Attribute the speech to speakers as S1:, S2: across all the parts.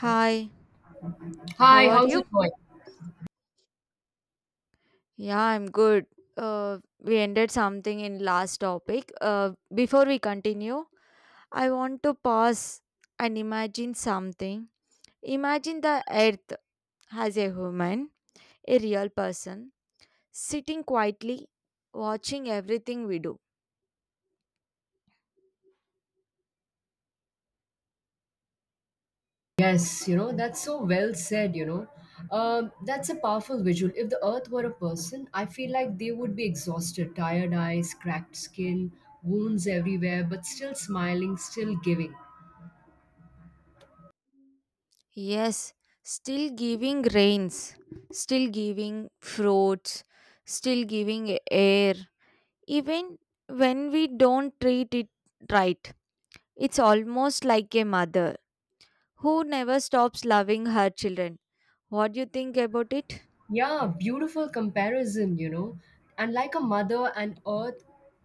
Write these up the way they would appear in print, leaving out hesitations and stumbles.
S1: Hi, how
S2: Hi,
S1: are
S2: how's it
S1: you?
S2: going?
S1: Yeah, I'm good. We ended something in last topic. Before we continue, I want to pause and imagine something. Imagine the earth as a human, a real person, sitting quietly, watching everything we do.
S2: Yes, you know, that's so well said, you know. That's a powerful visual. If the earth were a person, I feel like they would be exhausted, tired eyes, cracked skin, wounds everywhere, but still smiling, still giving.
S1: Yes, still giving rains, still giving fruits, still giving air, even when we don't treat it right. It's almost like a mother who never stops loving her children. What do you think about it?
S2: Yeah, beautiful comparison, you know. And like a mother and earth,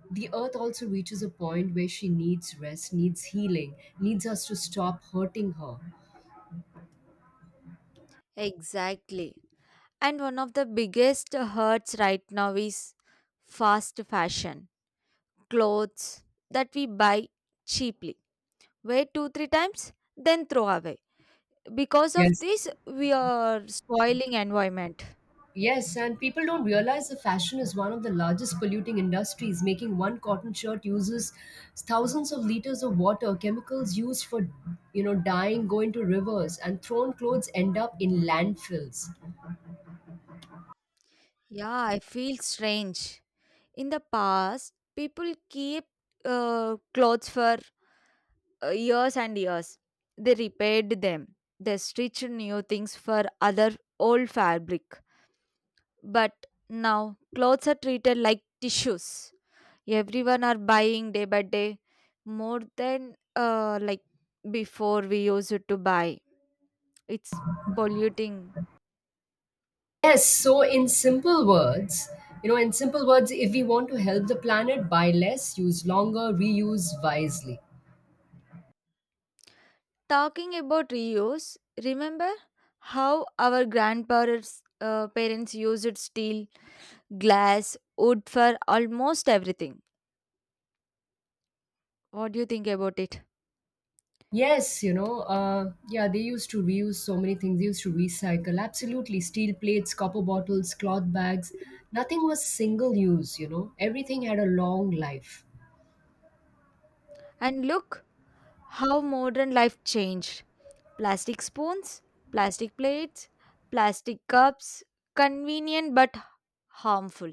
S2: the earth also reaches a point where she needs rest, needs healing, needs us to stop hurting her.
S1: Exactly. And one of the biggest hurts right now is fast fashion. Clothes that we buy cheaply, wear two, three times, then throw away. Because of
S2: Yes.
S1: this, we are spoiling environment.
S2: Yes, and people don't realize that fashion is one of the largest polluting industries. Making one cotton shirt uses thousands of liters of water. Chemicals used for, you know, dyeing go into rivers, and thrown clothes end up in landfills.
S1: Yeah, I feel strange. In the past, people keep clothes for years and years. They repaired them. They stitched new things for other old fabric. But now clothes are treated like tissues. Everyone are buying day by day more than like before we used to buy. It's polluting.
S2: Yes, so in simple words, you know, in simple words, if we want to help the planet, buy less, use longer, reuse wisely.
S1: Talking about reuse, remember how our grandparents parents used steel, glass, wood for almost everything. What do you think about it?
S2: Yes, you know, yeah, they used to reuse so many things. They used to recycle. Absolutely. Steel plates, copper bottles, cloth bags. Nothing was single use, you know. Everything had a long life.
S1: And look how modern life changed. Plastic spoons, plastic plates, plastic cups, convenient but harmful.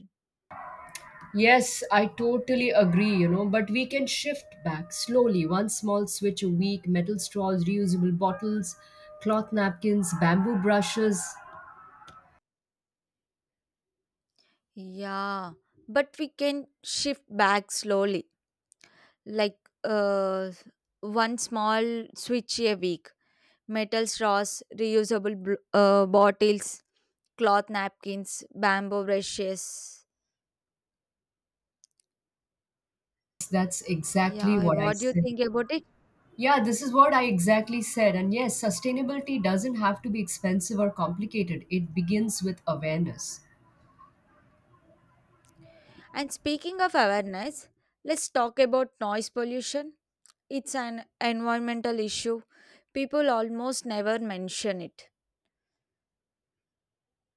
S2: Yes, I totally agree, you know, but we can shift back slowly. One small switch a week, metal straws, reusable bottles, cloth napkins, bamboo brushes.
S1: Yeah, but we can shift back slowly, like uh, one small switch a week. Metal straws, reusable bottles, cloth napkins, bamboo brushes.
S2: That's exactly
S1: Yeah,
S2: what I
S1: what do you
S2: said.
S1: think about it?
S2: Yeah, this is what I exactly said. And yes, sustainability doesn't have to be expensive or complicated. It begins with awareness.
S1: And speaking of awareness, let's talk about noise pollution. It's an environmental issue. People almost never mention it.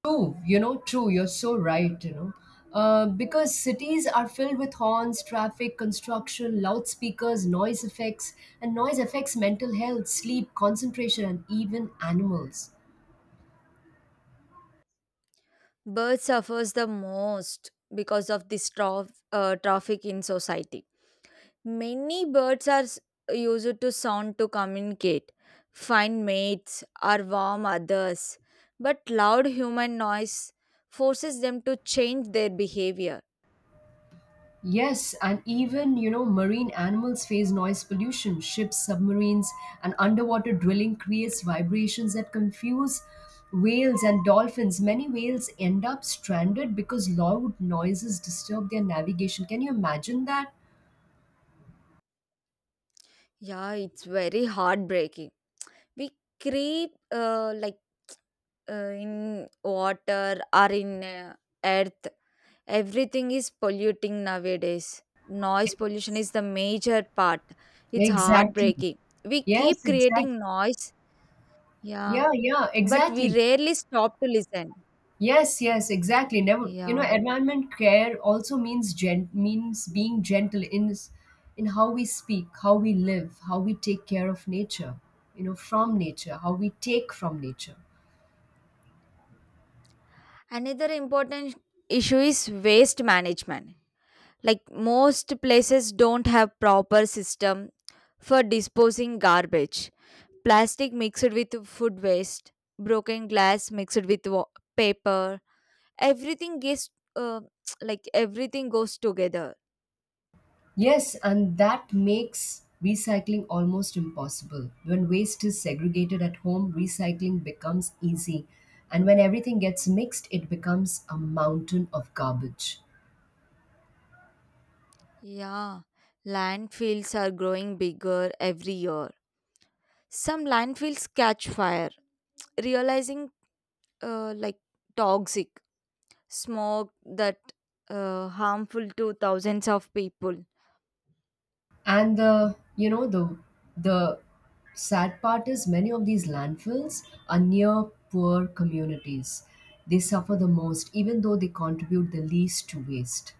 S2: True, you know, true. You're so right, you know. Because cities are filled with horns, traffic, construction, loudspeakers, noise effects, and noise affects mental health, sleep, concentration, and even animals.
S1: Birds suffers the most because of this traffic in society. Many birds are used to sound to communicate, find mates, or warm others. But loud human noise forces them to change their behavior.
S2: Yes, and even, you know, marine animals face noise pollution. Ships, submarines, and underwater drilling creates vibrations that confuse whales and dolphins. Many whales end up stranded because loud noises disturb their navigation. Can you imagine that?
S1: Yeah, it's very heartbreaking. We creep like in water or in earth. Everything is polluting nowadays. Noise pollution is the major part. It's
S2: Exactly.
S1: heartbreaking. We keep
S2: Yes, exactly.
S1: creating noise, yeah,
S2: Yeah, yeah,
S1: but we
S2: exactly.
S1: rarely stop to listen.
S2: Yes, yes, exactly. Never, you
S1: Yeah,
S2: know, environment care also means gen means being gentle in in how we speak, how we live, how we take care of nature, you know, from nature, how we take from nature.
S1: another important issue is waste management. Like most places don't have proper system for disposing garbage. Plastic mixed with food waste, broken glass mixed with paper. Everything gets uh, like everything goes together.
S2: Yes, and that makes recycling almost impossible. When waste is segregated at home, recycling becomes easy, and when everything gets mixed, it becomes a mountain of garbage.
S1: Yeah, landfills are growing bigger every year. Some landfills catch fire, realizing like toxic smoke that harmful to thousands of people.
S2: And the you know the sad part is many of these landfills are near poor communities. They suffer the most, even though they contribute the least to waste.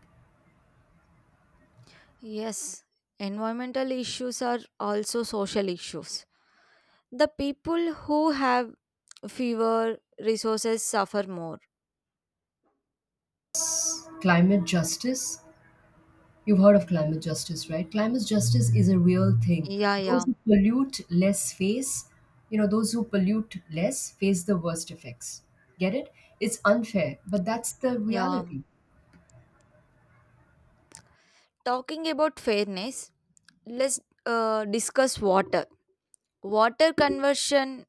S1: Yes, environmental issues are also social issues. The people who have fewer resources suffer more.
S2: Climate justice. You've heard of climate justice, right? Climate justice is a real thing.
S1: Yeah,
S2: Those
S1: yeah,
S2: who pollute less face, you know, those who pollute less face the worst effects. Get it? It's unfair, but that's the
S1: yeah.
S2: reality.
S1: Talking about fairness, let's discuss water. Water conversion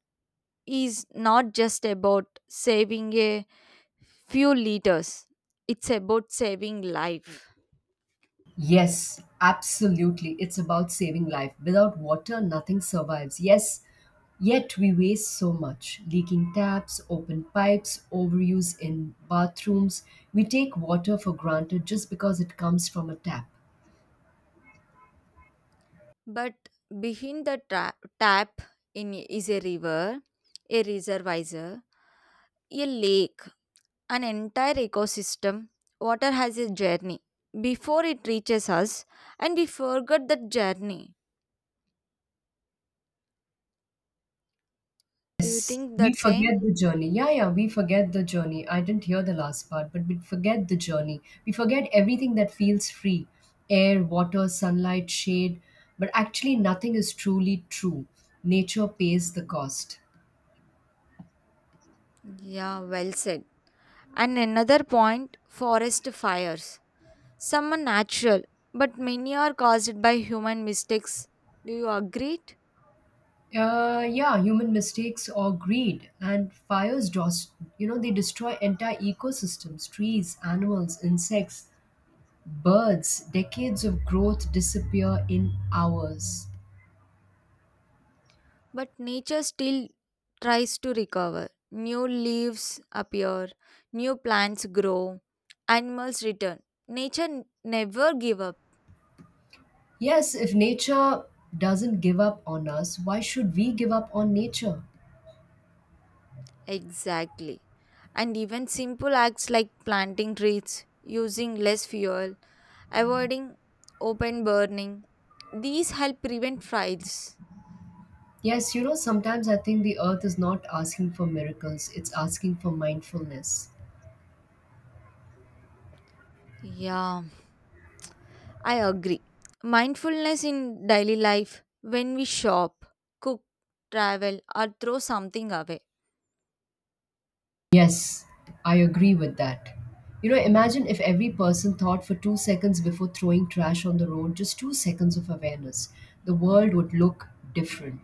S1: is not just about saving a few liters, it's about saving life.
S2: Yes, absolutely. It's about saving life. Without water, nothing survives. Yes, yet we waste so much. Leaking taps, open pipes, overuse in bathrooms. We take water for granted just because it comes from a tap.
S1: But behind the tap in is a river, a reservoir, a lake, an entire ecosystem. Water has a journey before it reaches us, and we forget that journey. Do you
S2: Yes,
S1: think
S2: we
S1: that
S2: forget
S1: same?
S2: the journey. Yeah, yeah, we forget the journey. I didn't hear the last part, but we forget the journey. We forget everything that feels free air, water, sunlight, shade. But actually, nothing is truly true. Nature pays the cost.
S1: Yeah, well said. And another point forest fires. Some are natural, but many are caused by human mistakes. Do you agree?
S2: Yeah, human mistakes or greed and fires, you know, they destroy entire ecosystems, trees, animals, insects, birds, decades of growth disappear in hours.
S1: But nature still tries to recover. New leaves appear, new plants grow, animals return. Nature never give up.
S2: Yes, if nature doesn't give up on us, why should we give up on nature?
S1: Exactly. And even simple acts like planting trees, using less fuel, avoiding open burning, these help prevent fires.
S2: Yes, you know, sometimes I think the earth is not asking for miracles, it's asking for mindfulness.
S1: Yeah. I agree. Mindfulness in daily life, when we shop, cook, travel, or throw something away.
S2: Yes, I agree with that. You know, imagine if every person thought for 2 seconds before throwing trash on the road, just 2 seconds of awareness. The world would look different.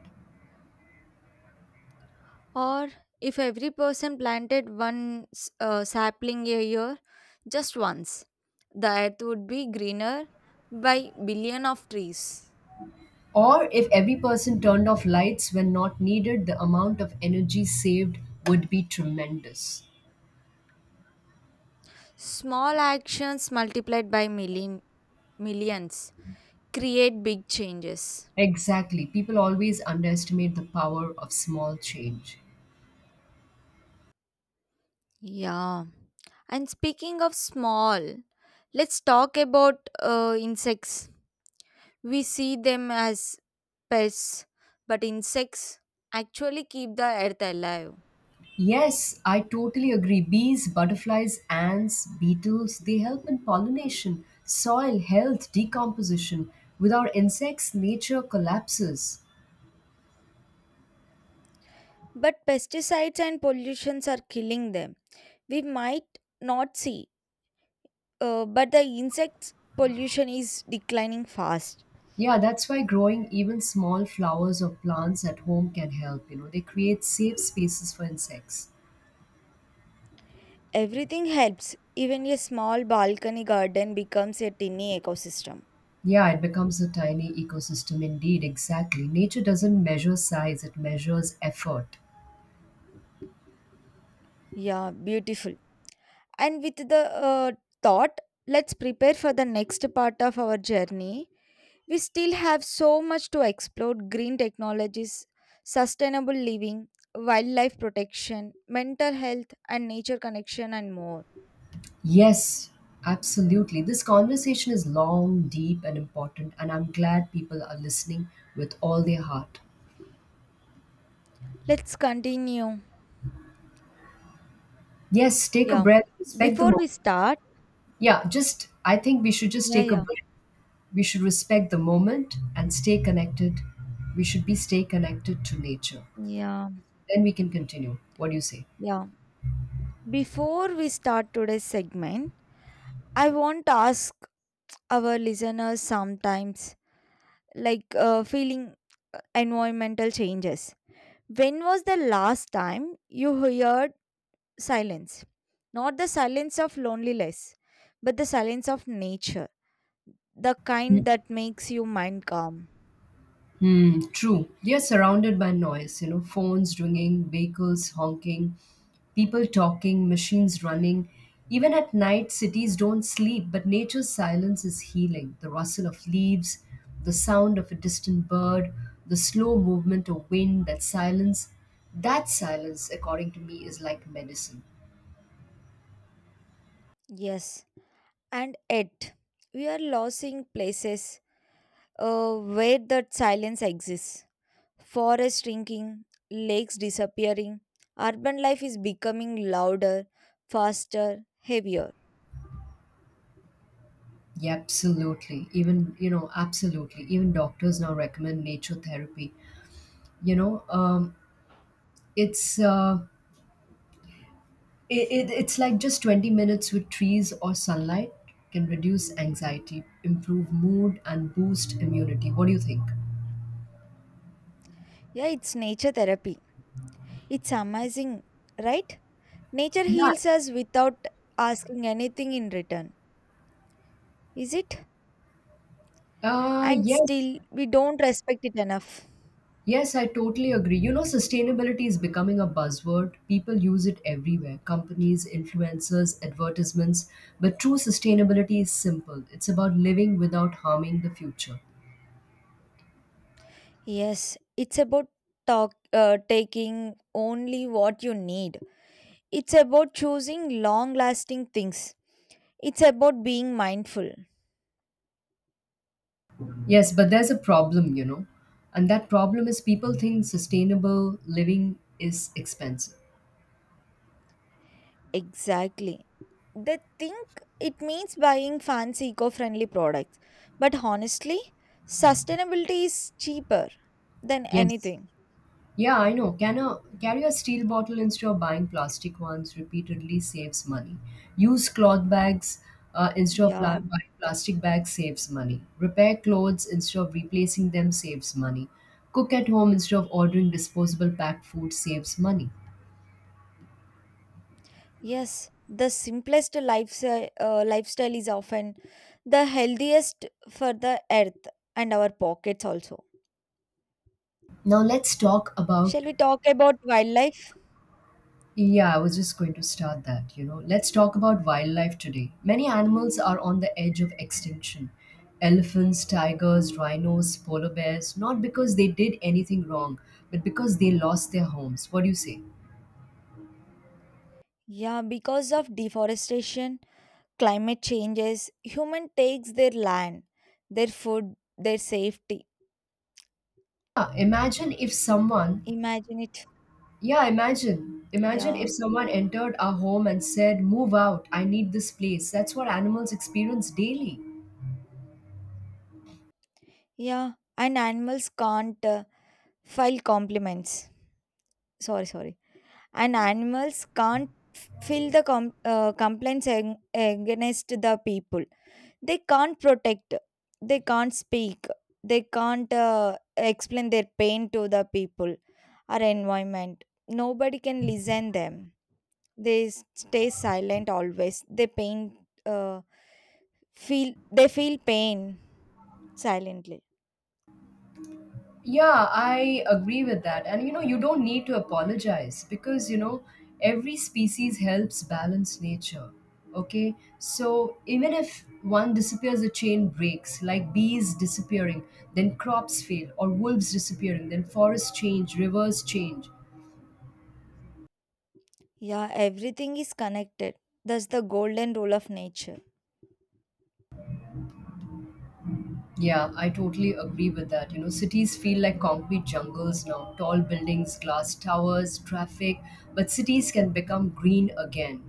S1: Or if every person planted one sapling a year, just once, the earth would be greener by billion of trees.
S2: Or if every person turned off lights when not needed, the amount of energy saved would be tremendous.
S1: Small actions multiplied by millions create big changes.
S2: Exactly. People always underestimate the power of small change.
S1: Yeah. And speaking of small, let's talk about insects. We see them as pests, but insects actually keep the earth alive.
S2: Yes, I totally agree. Bees, butterflies, ants, beetles, they help in pollination, soil health, decomposition. Without insects, nature collapses.
S1: But pesticides and pollutions are killing them. We might not see, but the insects pollution is declining fast.
S2: Yeah, that's why growing even small flowers or plants at home can help. You know, they create safe spaces for insects.
S1: Everything helps. Even a small balcony garden becomes a tiny ecosystem.
S2: Yeah, it becomes a tiny ecosystem indeed, exactly. Nature doesn't measure size, it measures effort.
S1: Yeah, beautiful. And with the uh, thought, let's prepare for the next part of our journey. We still have so much to explore green technologies, sustainable living, wildlife protection, mental health, and nature connection, and more.
S2: Yes, absolutely. This conversation is long, deep, and important, and I'm glad people are listening with all their heart.
S1: Let's continue.
S2: Yes, take a
S1: Yeah.
S2: breath, respect the
S1: Before
S2: moment.
S1: we start,
S2: Yeah, just, I think we should just
S1: yeah,
S2: take a
S1: yeah,
S2: breath. We should respect the moment and stay connected. We should be stay connected to nature.
S1: yeah,
S2: Then we can continue. What do you say?
S1: yeah. Before we start today's segment, I want to ask our listeners sometimes, like feeling environmental changes. When was the last time you heard silence? Not the silence of loneliness, but the silence of nature. The kind that makes your mind calm.
S2: Hmm, true. We are surrounded by noise, you know, phones ringing, vehicles honking, people talking, machines running. Even at night, cities don't sleep, but nature's silence is healing. The rustle of leaves, the sound of a distant bird, the slow movement of wind, that silence, according to me, is like medicine.
S1: Yes, and yet we are losing places where that silence exists. Forests shrinking, lakes disappearing, urban life is becoming louder, faster, heavier.
S2: Yeah, absolutely. Even, you know, absolutely. Even doctors now recommend nature therapy. You know, it's. Uh, it's like just 20 minutes with trees or sunlight can reduce anxiety, improve mood, and boost immunity. What do you think?
S1: Yeah, it's nature therapy. It's amazing, right? Nature
S2: Yeah,
S1: heals us without asking anything in return, is it? And
S2: Yes,
S1: still we don't respect it enough.
S2: yes, I totally agree. You know, sustainability is becoming a buzzword. People use it everywhere companies, influencers, advertisements. But true sustainability is simple it's about living without harming the future.
S1: Yes, it's about taking only what you need. It's about choosing long lasting things. It's about being mindful.
S2: Yes, but there's a problem, you know, and that problem is people think sustainable living is expensive.
S1: Exactly. They think it means buying fancy eco friendly products. But honestly, sustainability is cheaper than
S2: Yes,
S1: anything.
S2: yeah, I know. Can a carry a steel bottle instead of buying plastic ones repeatedly saves money. Use cloth bags instead of
S1: Yeah.
S2: buying plastic bags saves money. Repair clothes instead of replacing them saves money. Cook at home instead of ordering disposable packed food saves money.
S1: Yes, the simplest lifestyle is often the healthiest for the earth and our pockets also.
S2: Now let's talk about.
S1: Shall we talk about wildlife?
S2: Yeah, I was just going to start that. You know, let's talk about wildlife today. Many animals are on the edge of extinction elephants, tigers, rhinos, polar bears, not because they did anything wrong, but because they lost their homes. What do you say?
S1: Yeah, because of deforestation, climate changes, human takes their land, their food, their safety.
S2: Yeah, imagine if someone,
S1: Imagine it.
S2: yeah, imagine
S1: Yeah.
S2: if someone entered our home and said, Move out, I need this place. That's what animals experience daily.
S1: Yeah, and animals can't file compliments. Sorry, sorry. And animals can't fill the complaints against the people. They can't protect. They can't speak. They can't explain their pain to the people or environment. Nobody can listen them. They stay silent always. They pain uh, feel they feel pain silently.
S2: Yeah, I agree with that. And you know, you don't need to apologize because you know, every species helps balance nature. Okay, so even if one disappears, the chain breaks, like bees disappearing, then crops fail, or wolves disappearing, then forests change, rivers change.
S1: Yeah, everything is connected. That's the golden rule of nature.
S2: Yeah, I totally agree with that. You know, cities feel like concrete jungles now tall buildings, glass towers, traffic, but cities can become green again.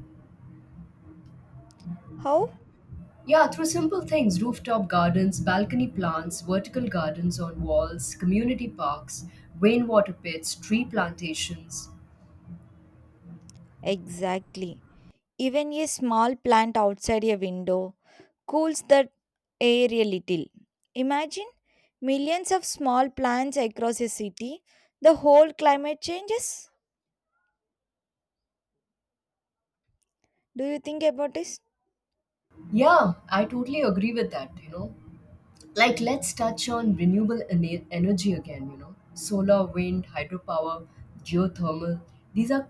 S1: How?
S2: Yeah, through simple things rooftop gardens, balcony plants, vertical gardens on walls, community parks, rainwater pits, tree plantations.
S1: Exactly. Even a small plant outside a window cools the air a little. Imagine millions of small plants across a city. The whole climate changes. Do you think about this?
S2: Yeah, I totally agree with that, you know. Like, let's touch on renewable energy again, you know. Solar, wind, hydropower, geothermal. These are,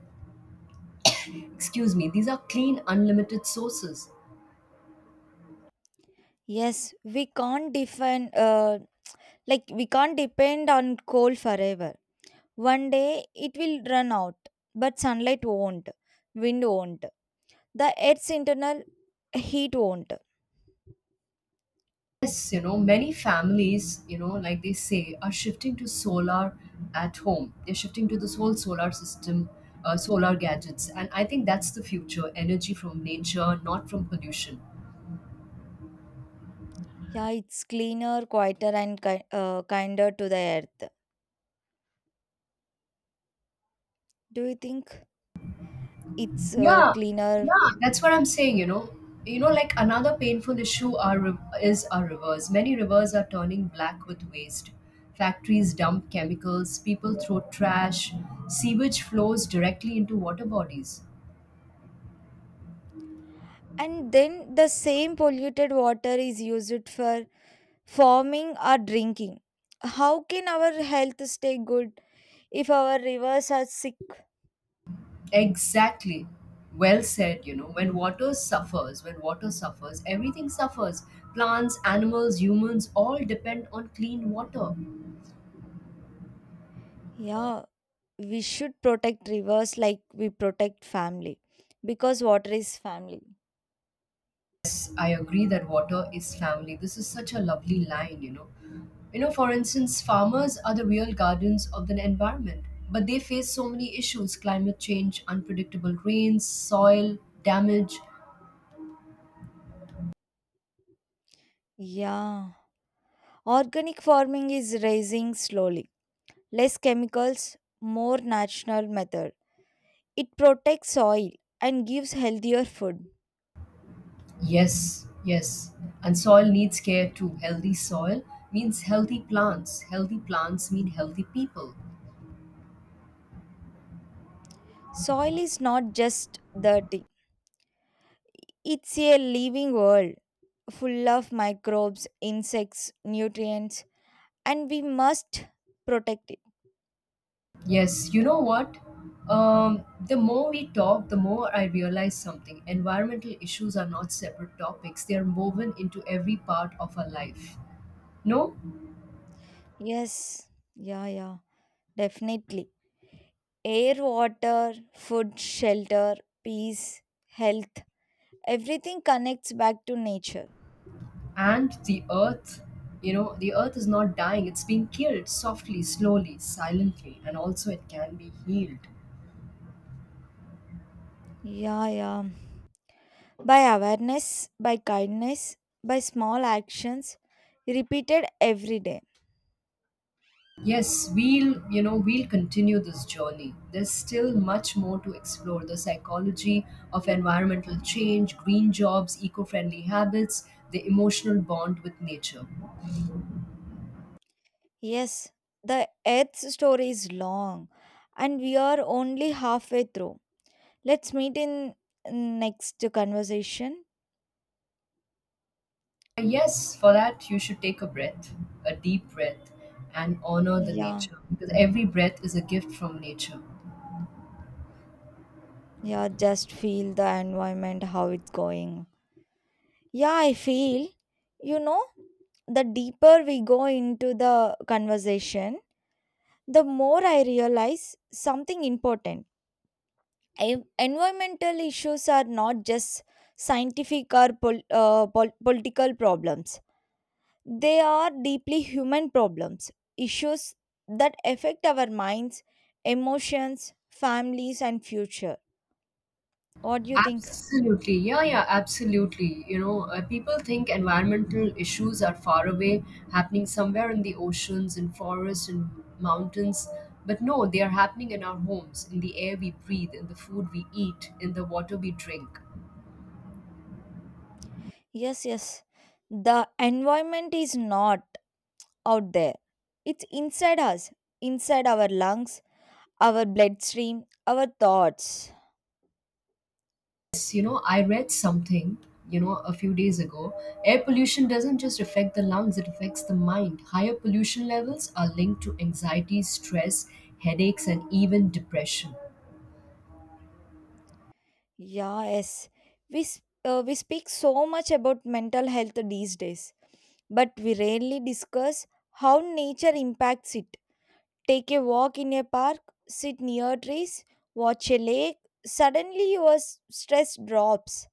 S2: excuse me, these are clean, unlimited sources.
S1: Yes, we can't depend on coal forever. One day it will run out, but sunlight won't, wind won't, the earth's internal heat won't.
S2: Yes, you know, many families, you know, like they say, are shifting to solar at home. They're shifting to this whole solar system, solar gadgets. And I think that's the future energy from nature, not from pollution.
S1: Yeah, it's cleaner, quieter, and kinder to the earth. Do you think? It's
S2: Yeah,
S1: cleaner.
S2: yeah, that's what I'm saying, you know. You know, like another painful issue is our rivers. Many rivers are turning black with waste. Factories dump chemicals, people throw trash, sewage flows directly into water bodies.
S1: And then the same polluted water is used for farming or drinking. How can our health stay good if our rivers are sick?
S2: Exactly. Well said, you know, when water suffers, everything suffers. Plants, animals, humans all depend on clean water.
S1: Yeah, we should protect rivers like we protect family, because water is family.
S2: I agree that water is family. This is such a lovely line, you know. You know, for instance, farmers are the real guardians of the environment, but they face so many issues climate change, unpredictable rains, soil, damage.
S1: Yeah, organic farming is rising slowly. Less chemicals, more natural method. It protects soil and gives healthier food.
S2: Yes, yes. And soil needs care too. Healthy soil means healthy plants. Healthy plants mean healthy people.
S1: Soil is not just dirty. It's a living world full of microbes, insects, nutrients, and we must protect it.
S2: Yes, you know what? The more we talk, the more I realize something. Environmental issues are not separate topics, they are woven into every part of our life. No?
S1: Yes, yeah, yeah, definitely. Air, water, food, shelter, peace, health, everything connects back to nature.
S2: And the earth, you know, the earth is not dying, it's being killed softly, slowly, silently, and also it can be healed.
S1: Yeah, yeah. By awareness, by kindness, by small actions repeated every day.
S2: Yes, we'll, you know, we'll continue this journey. There's still much more to explore the psychology of environmental change, green jobs, eco friendly habits, the emotional bond with nature. Uh.
S1: Yes, the earth's story is long and we are only halfway through. Let's meet in next conversation.
S2: Yes, for that, you should take a breath, a deep breath, and honor the
S1: Yeah,
S2: nature because every breath is a gift from nature.
S1: yeah, just feel the environment, how it's going. Yeah, I feel, you know, the deeper we go into the conversation, the more I realize something important. Environmental issues are not just scientific or political problems. They are deeply human problems, issues that affect our minds, emotions, families, and future. What do you think?
S2: Absolutely. Yeah, yeah, absolutely. You know, people think environmental issues are far away, happening somewhere in the oceans and forests and mountains. But no, they are happening in our homes, in the air we breathe, in the food we eat, in the water we drink.
S1: Yes, yes. The environment is not out there, it's inside us, inside our lungs, our bloodstream, our thoughts.
S2: Yes, you know, I read something, you know, a few days ago. Air pollution doesn't just affect the lungs, it affects the mind. Higher pollution levels are linked to anxiety, stress, headaches, and even depression.
S1: Yeah, yes. We speak so much about mental health these days, but we rarely discuss how nature impacts it. Take a walk in a park, sit near trees, watch a lake. Suddenly, your stress drops.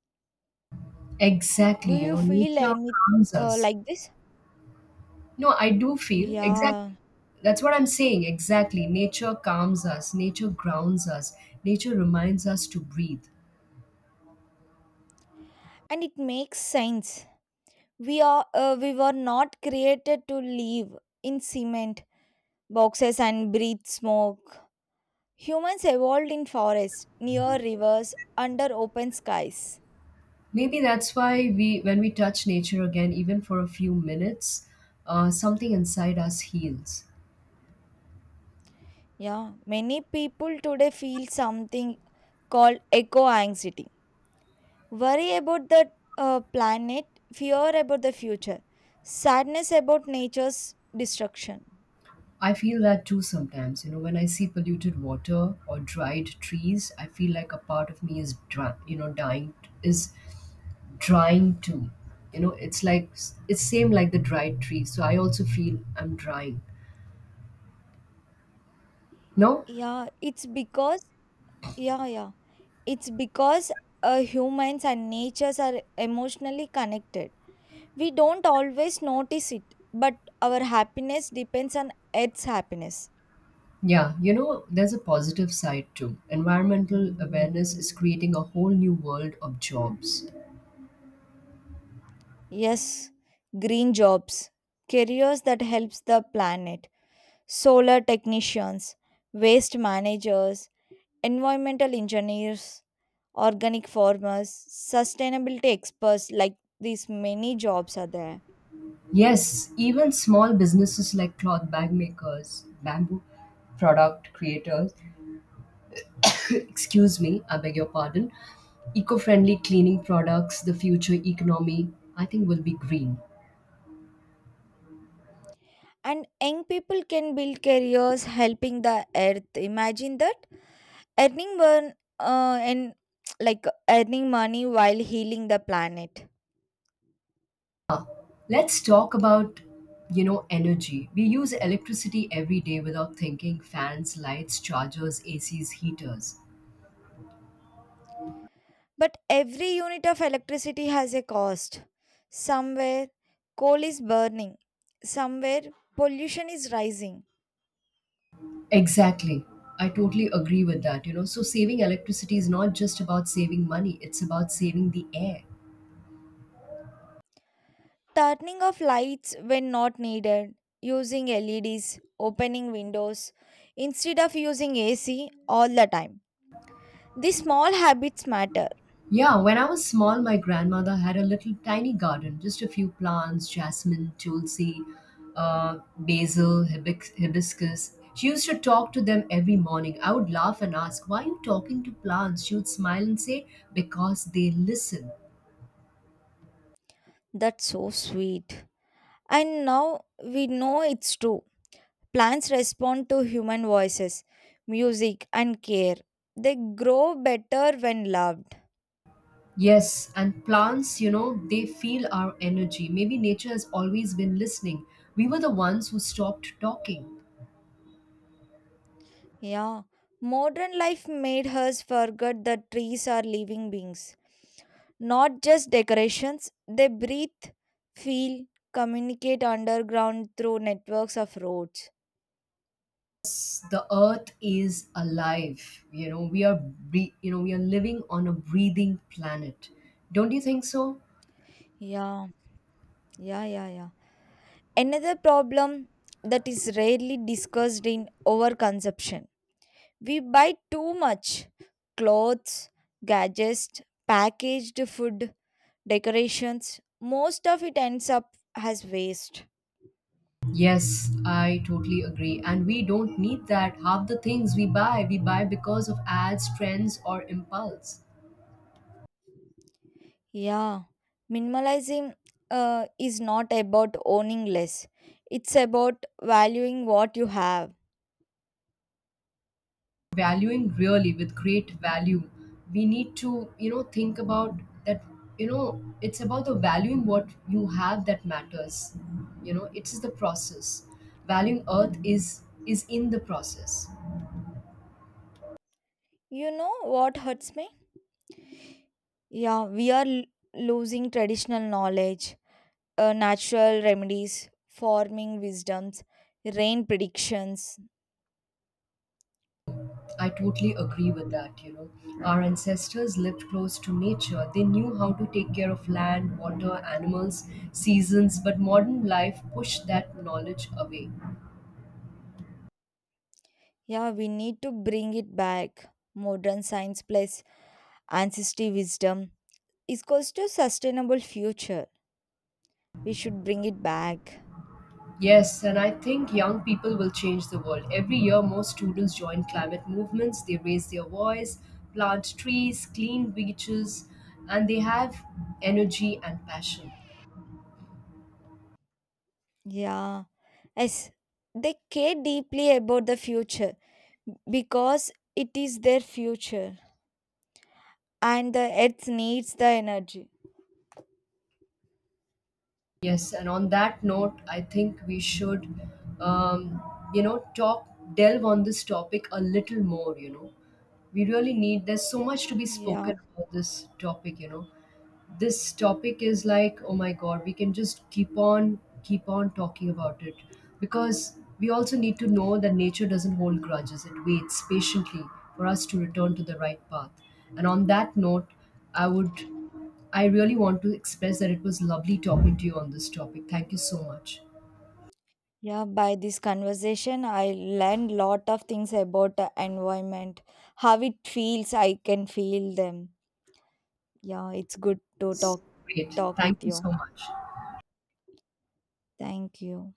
S2: Exactly,
S1: Do
S2: you
S1: you
S2: know,
S1: feel
S2: nature
S1: any
S2: calms us.
S1: like this?
S2: No, I do feel exactly.
S1: Yeah,
S2: That's what I'm saying. Exactly. Nature calms us, nature grounds us, nature reminds us to breathe.
S1: and it makes sense. We were not created to live in cement boxes and breathe smoke. Humans evolved in forests, near rivers, under open skies.
S2: Maybe that's why we, when we touch nature again, even for a few minutes, something inside us heals.
S1: Yeah, many people today feel something called eco anxiety, worry about the planet, fear about the future, sadness about nature's destruction.
S2: I feel that too sometimes. You know, when I see polluted water or dried trees, I feel like a part of me is, dry, you know, dying, is drying too. You know, it's like it's same like the dried tree, so I also feel I'm drying. No?
S1: Yeah, it's because, yeah, yeah, it's because humans and natures are emotionally connected. We don't always notice it, but our happiness depends on Earth's happiness.
S2: Yeah, you know, there's a positive side too. Environmental awareness is creating a whole new world of jobs.
S1: Yes, green jobs, careers that helps the planet, solar technicians, waste managers, environmental engineers, organic farmers, sustainability experts, like these many jobs are there.
S2: Yes, even small businesses like cloth bag makers, bamboo product creators excuse me, I beg your pardon, eco-friendly cleaning products, the future economy, I think, will be green.
S1: And young people can build careers helping the earth. Imagine that earning one and like earning money while healing the planet.
S2: Let's talk about, you know, energy. We use electricity every day without thinking fans, lights, chargers, ACs, heaters.
S1: But every unit of electricity has a cost. Somewhere coal is burning. Somewhere pollution is rising.
S2: Exactly. I totally agree with that, you know. So saving electricity is not just about saving money, it's about saving the air.
S1: Turning off lights when not needed, using LEDs, opening windows instead of using AC all the time. These small habits matter.
S2: Yeah, when I was small, my grandmother had a little tiny garden, just a few plants jasmine, tulsi, basil, hibiscus. She used to talk to them every morning. I would laugh and ask, Why are you talking to plants? She would smile and say, Because they listen.
S1: That's so sweet. And now we know it's true. Plants respond to human voices, music, and care. They grow better when loved.
S2: Yes, and plants, you know, they feel our energy. Maybe nature has always been listening. We were the ones who stopped talking.
S1: Yeah. Modern life made us forget that trees are living beings. Not just decorations, they breathe, feel, communicate underground through networks of roads.
S2: The earth is alive. You know, we are you know, we are living on a breathing planet. Don't you think so?
S1: Yeah, yeah, yeah, yeah. Another problem that is rarely discussed in overconsumption. We buy too much clothes, gadgets, packaged food, decorations. Most of it ends up as waste.
S2: Yes, I totally agree, and we don't need that. Half the things we buy, we buy because of ads, trends or impulse.
S1: Yeah, minimalizing is not about owning less, it's about valuing what you have.
S2: Valuing really with great value, we need to, you know, think about that. You know, it's about the valuing what you have that matters. You know, it's the process. Valuing earth is in the process.
S1: You know what hurts me? Yeah, we are losing traditional knowledge, natural remedies, farming wisdoms, rain predictions.
S2: I totally agree with that. You know, yeah, our ancestors lived close to nature. They knew how to take care of land, water, animals, seasons, but modern life pushed that knowledge away.
S1: Yeah, we need to bring it back. Modern science plus ancestry wisdom is equals to sustainable future. We should bring it back.
S2: Yes, and I think young people will change the world. Every year, more students join climate movements. They raise their voice, plant trees, clean beaches, and they have energy and passion.
S1: Yeah, yes, they care deeply about the future because it is their future and the earth needs the energy.
S2: Yes, and on that note, I think we should, um, you know, talk, delve on this topic a little more. You know, we really need, there's so much to be spoken
S1: Yeah,
S2: about this topic, you know, this topic is like oh my god, we can just keep on talking about it because we also need to know that nature doesn't hold grudges, it waits patiently for us to return to the right path. And on that note, i would I really want to express that it was lovely talking to you on this topic. Thank you so much.
S1: yeah, by this conversation, I learned lot of things about the environment, how it feels, I can feel them. Yeah, it's good to talk
S2: Great,
S1: talk
S2: thank
S1: with
S2: you
S1: you.
S2: so much.
S1: Thank you.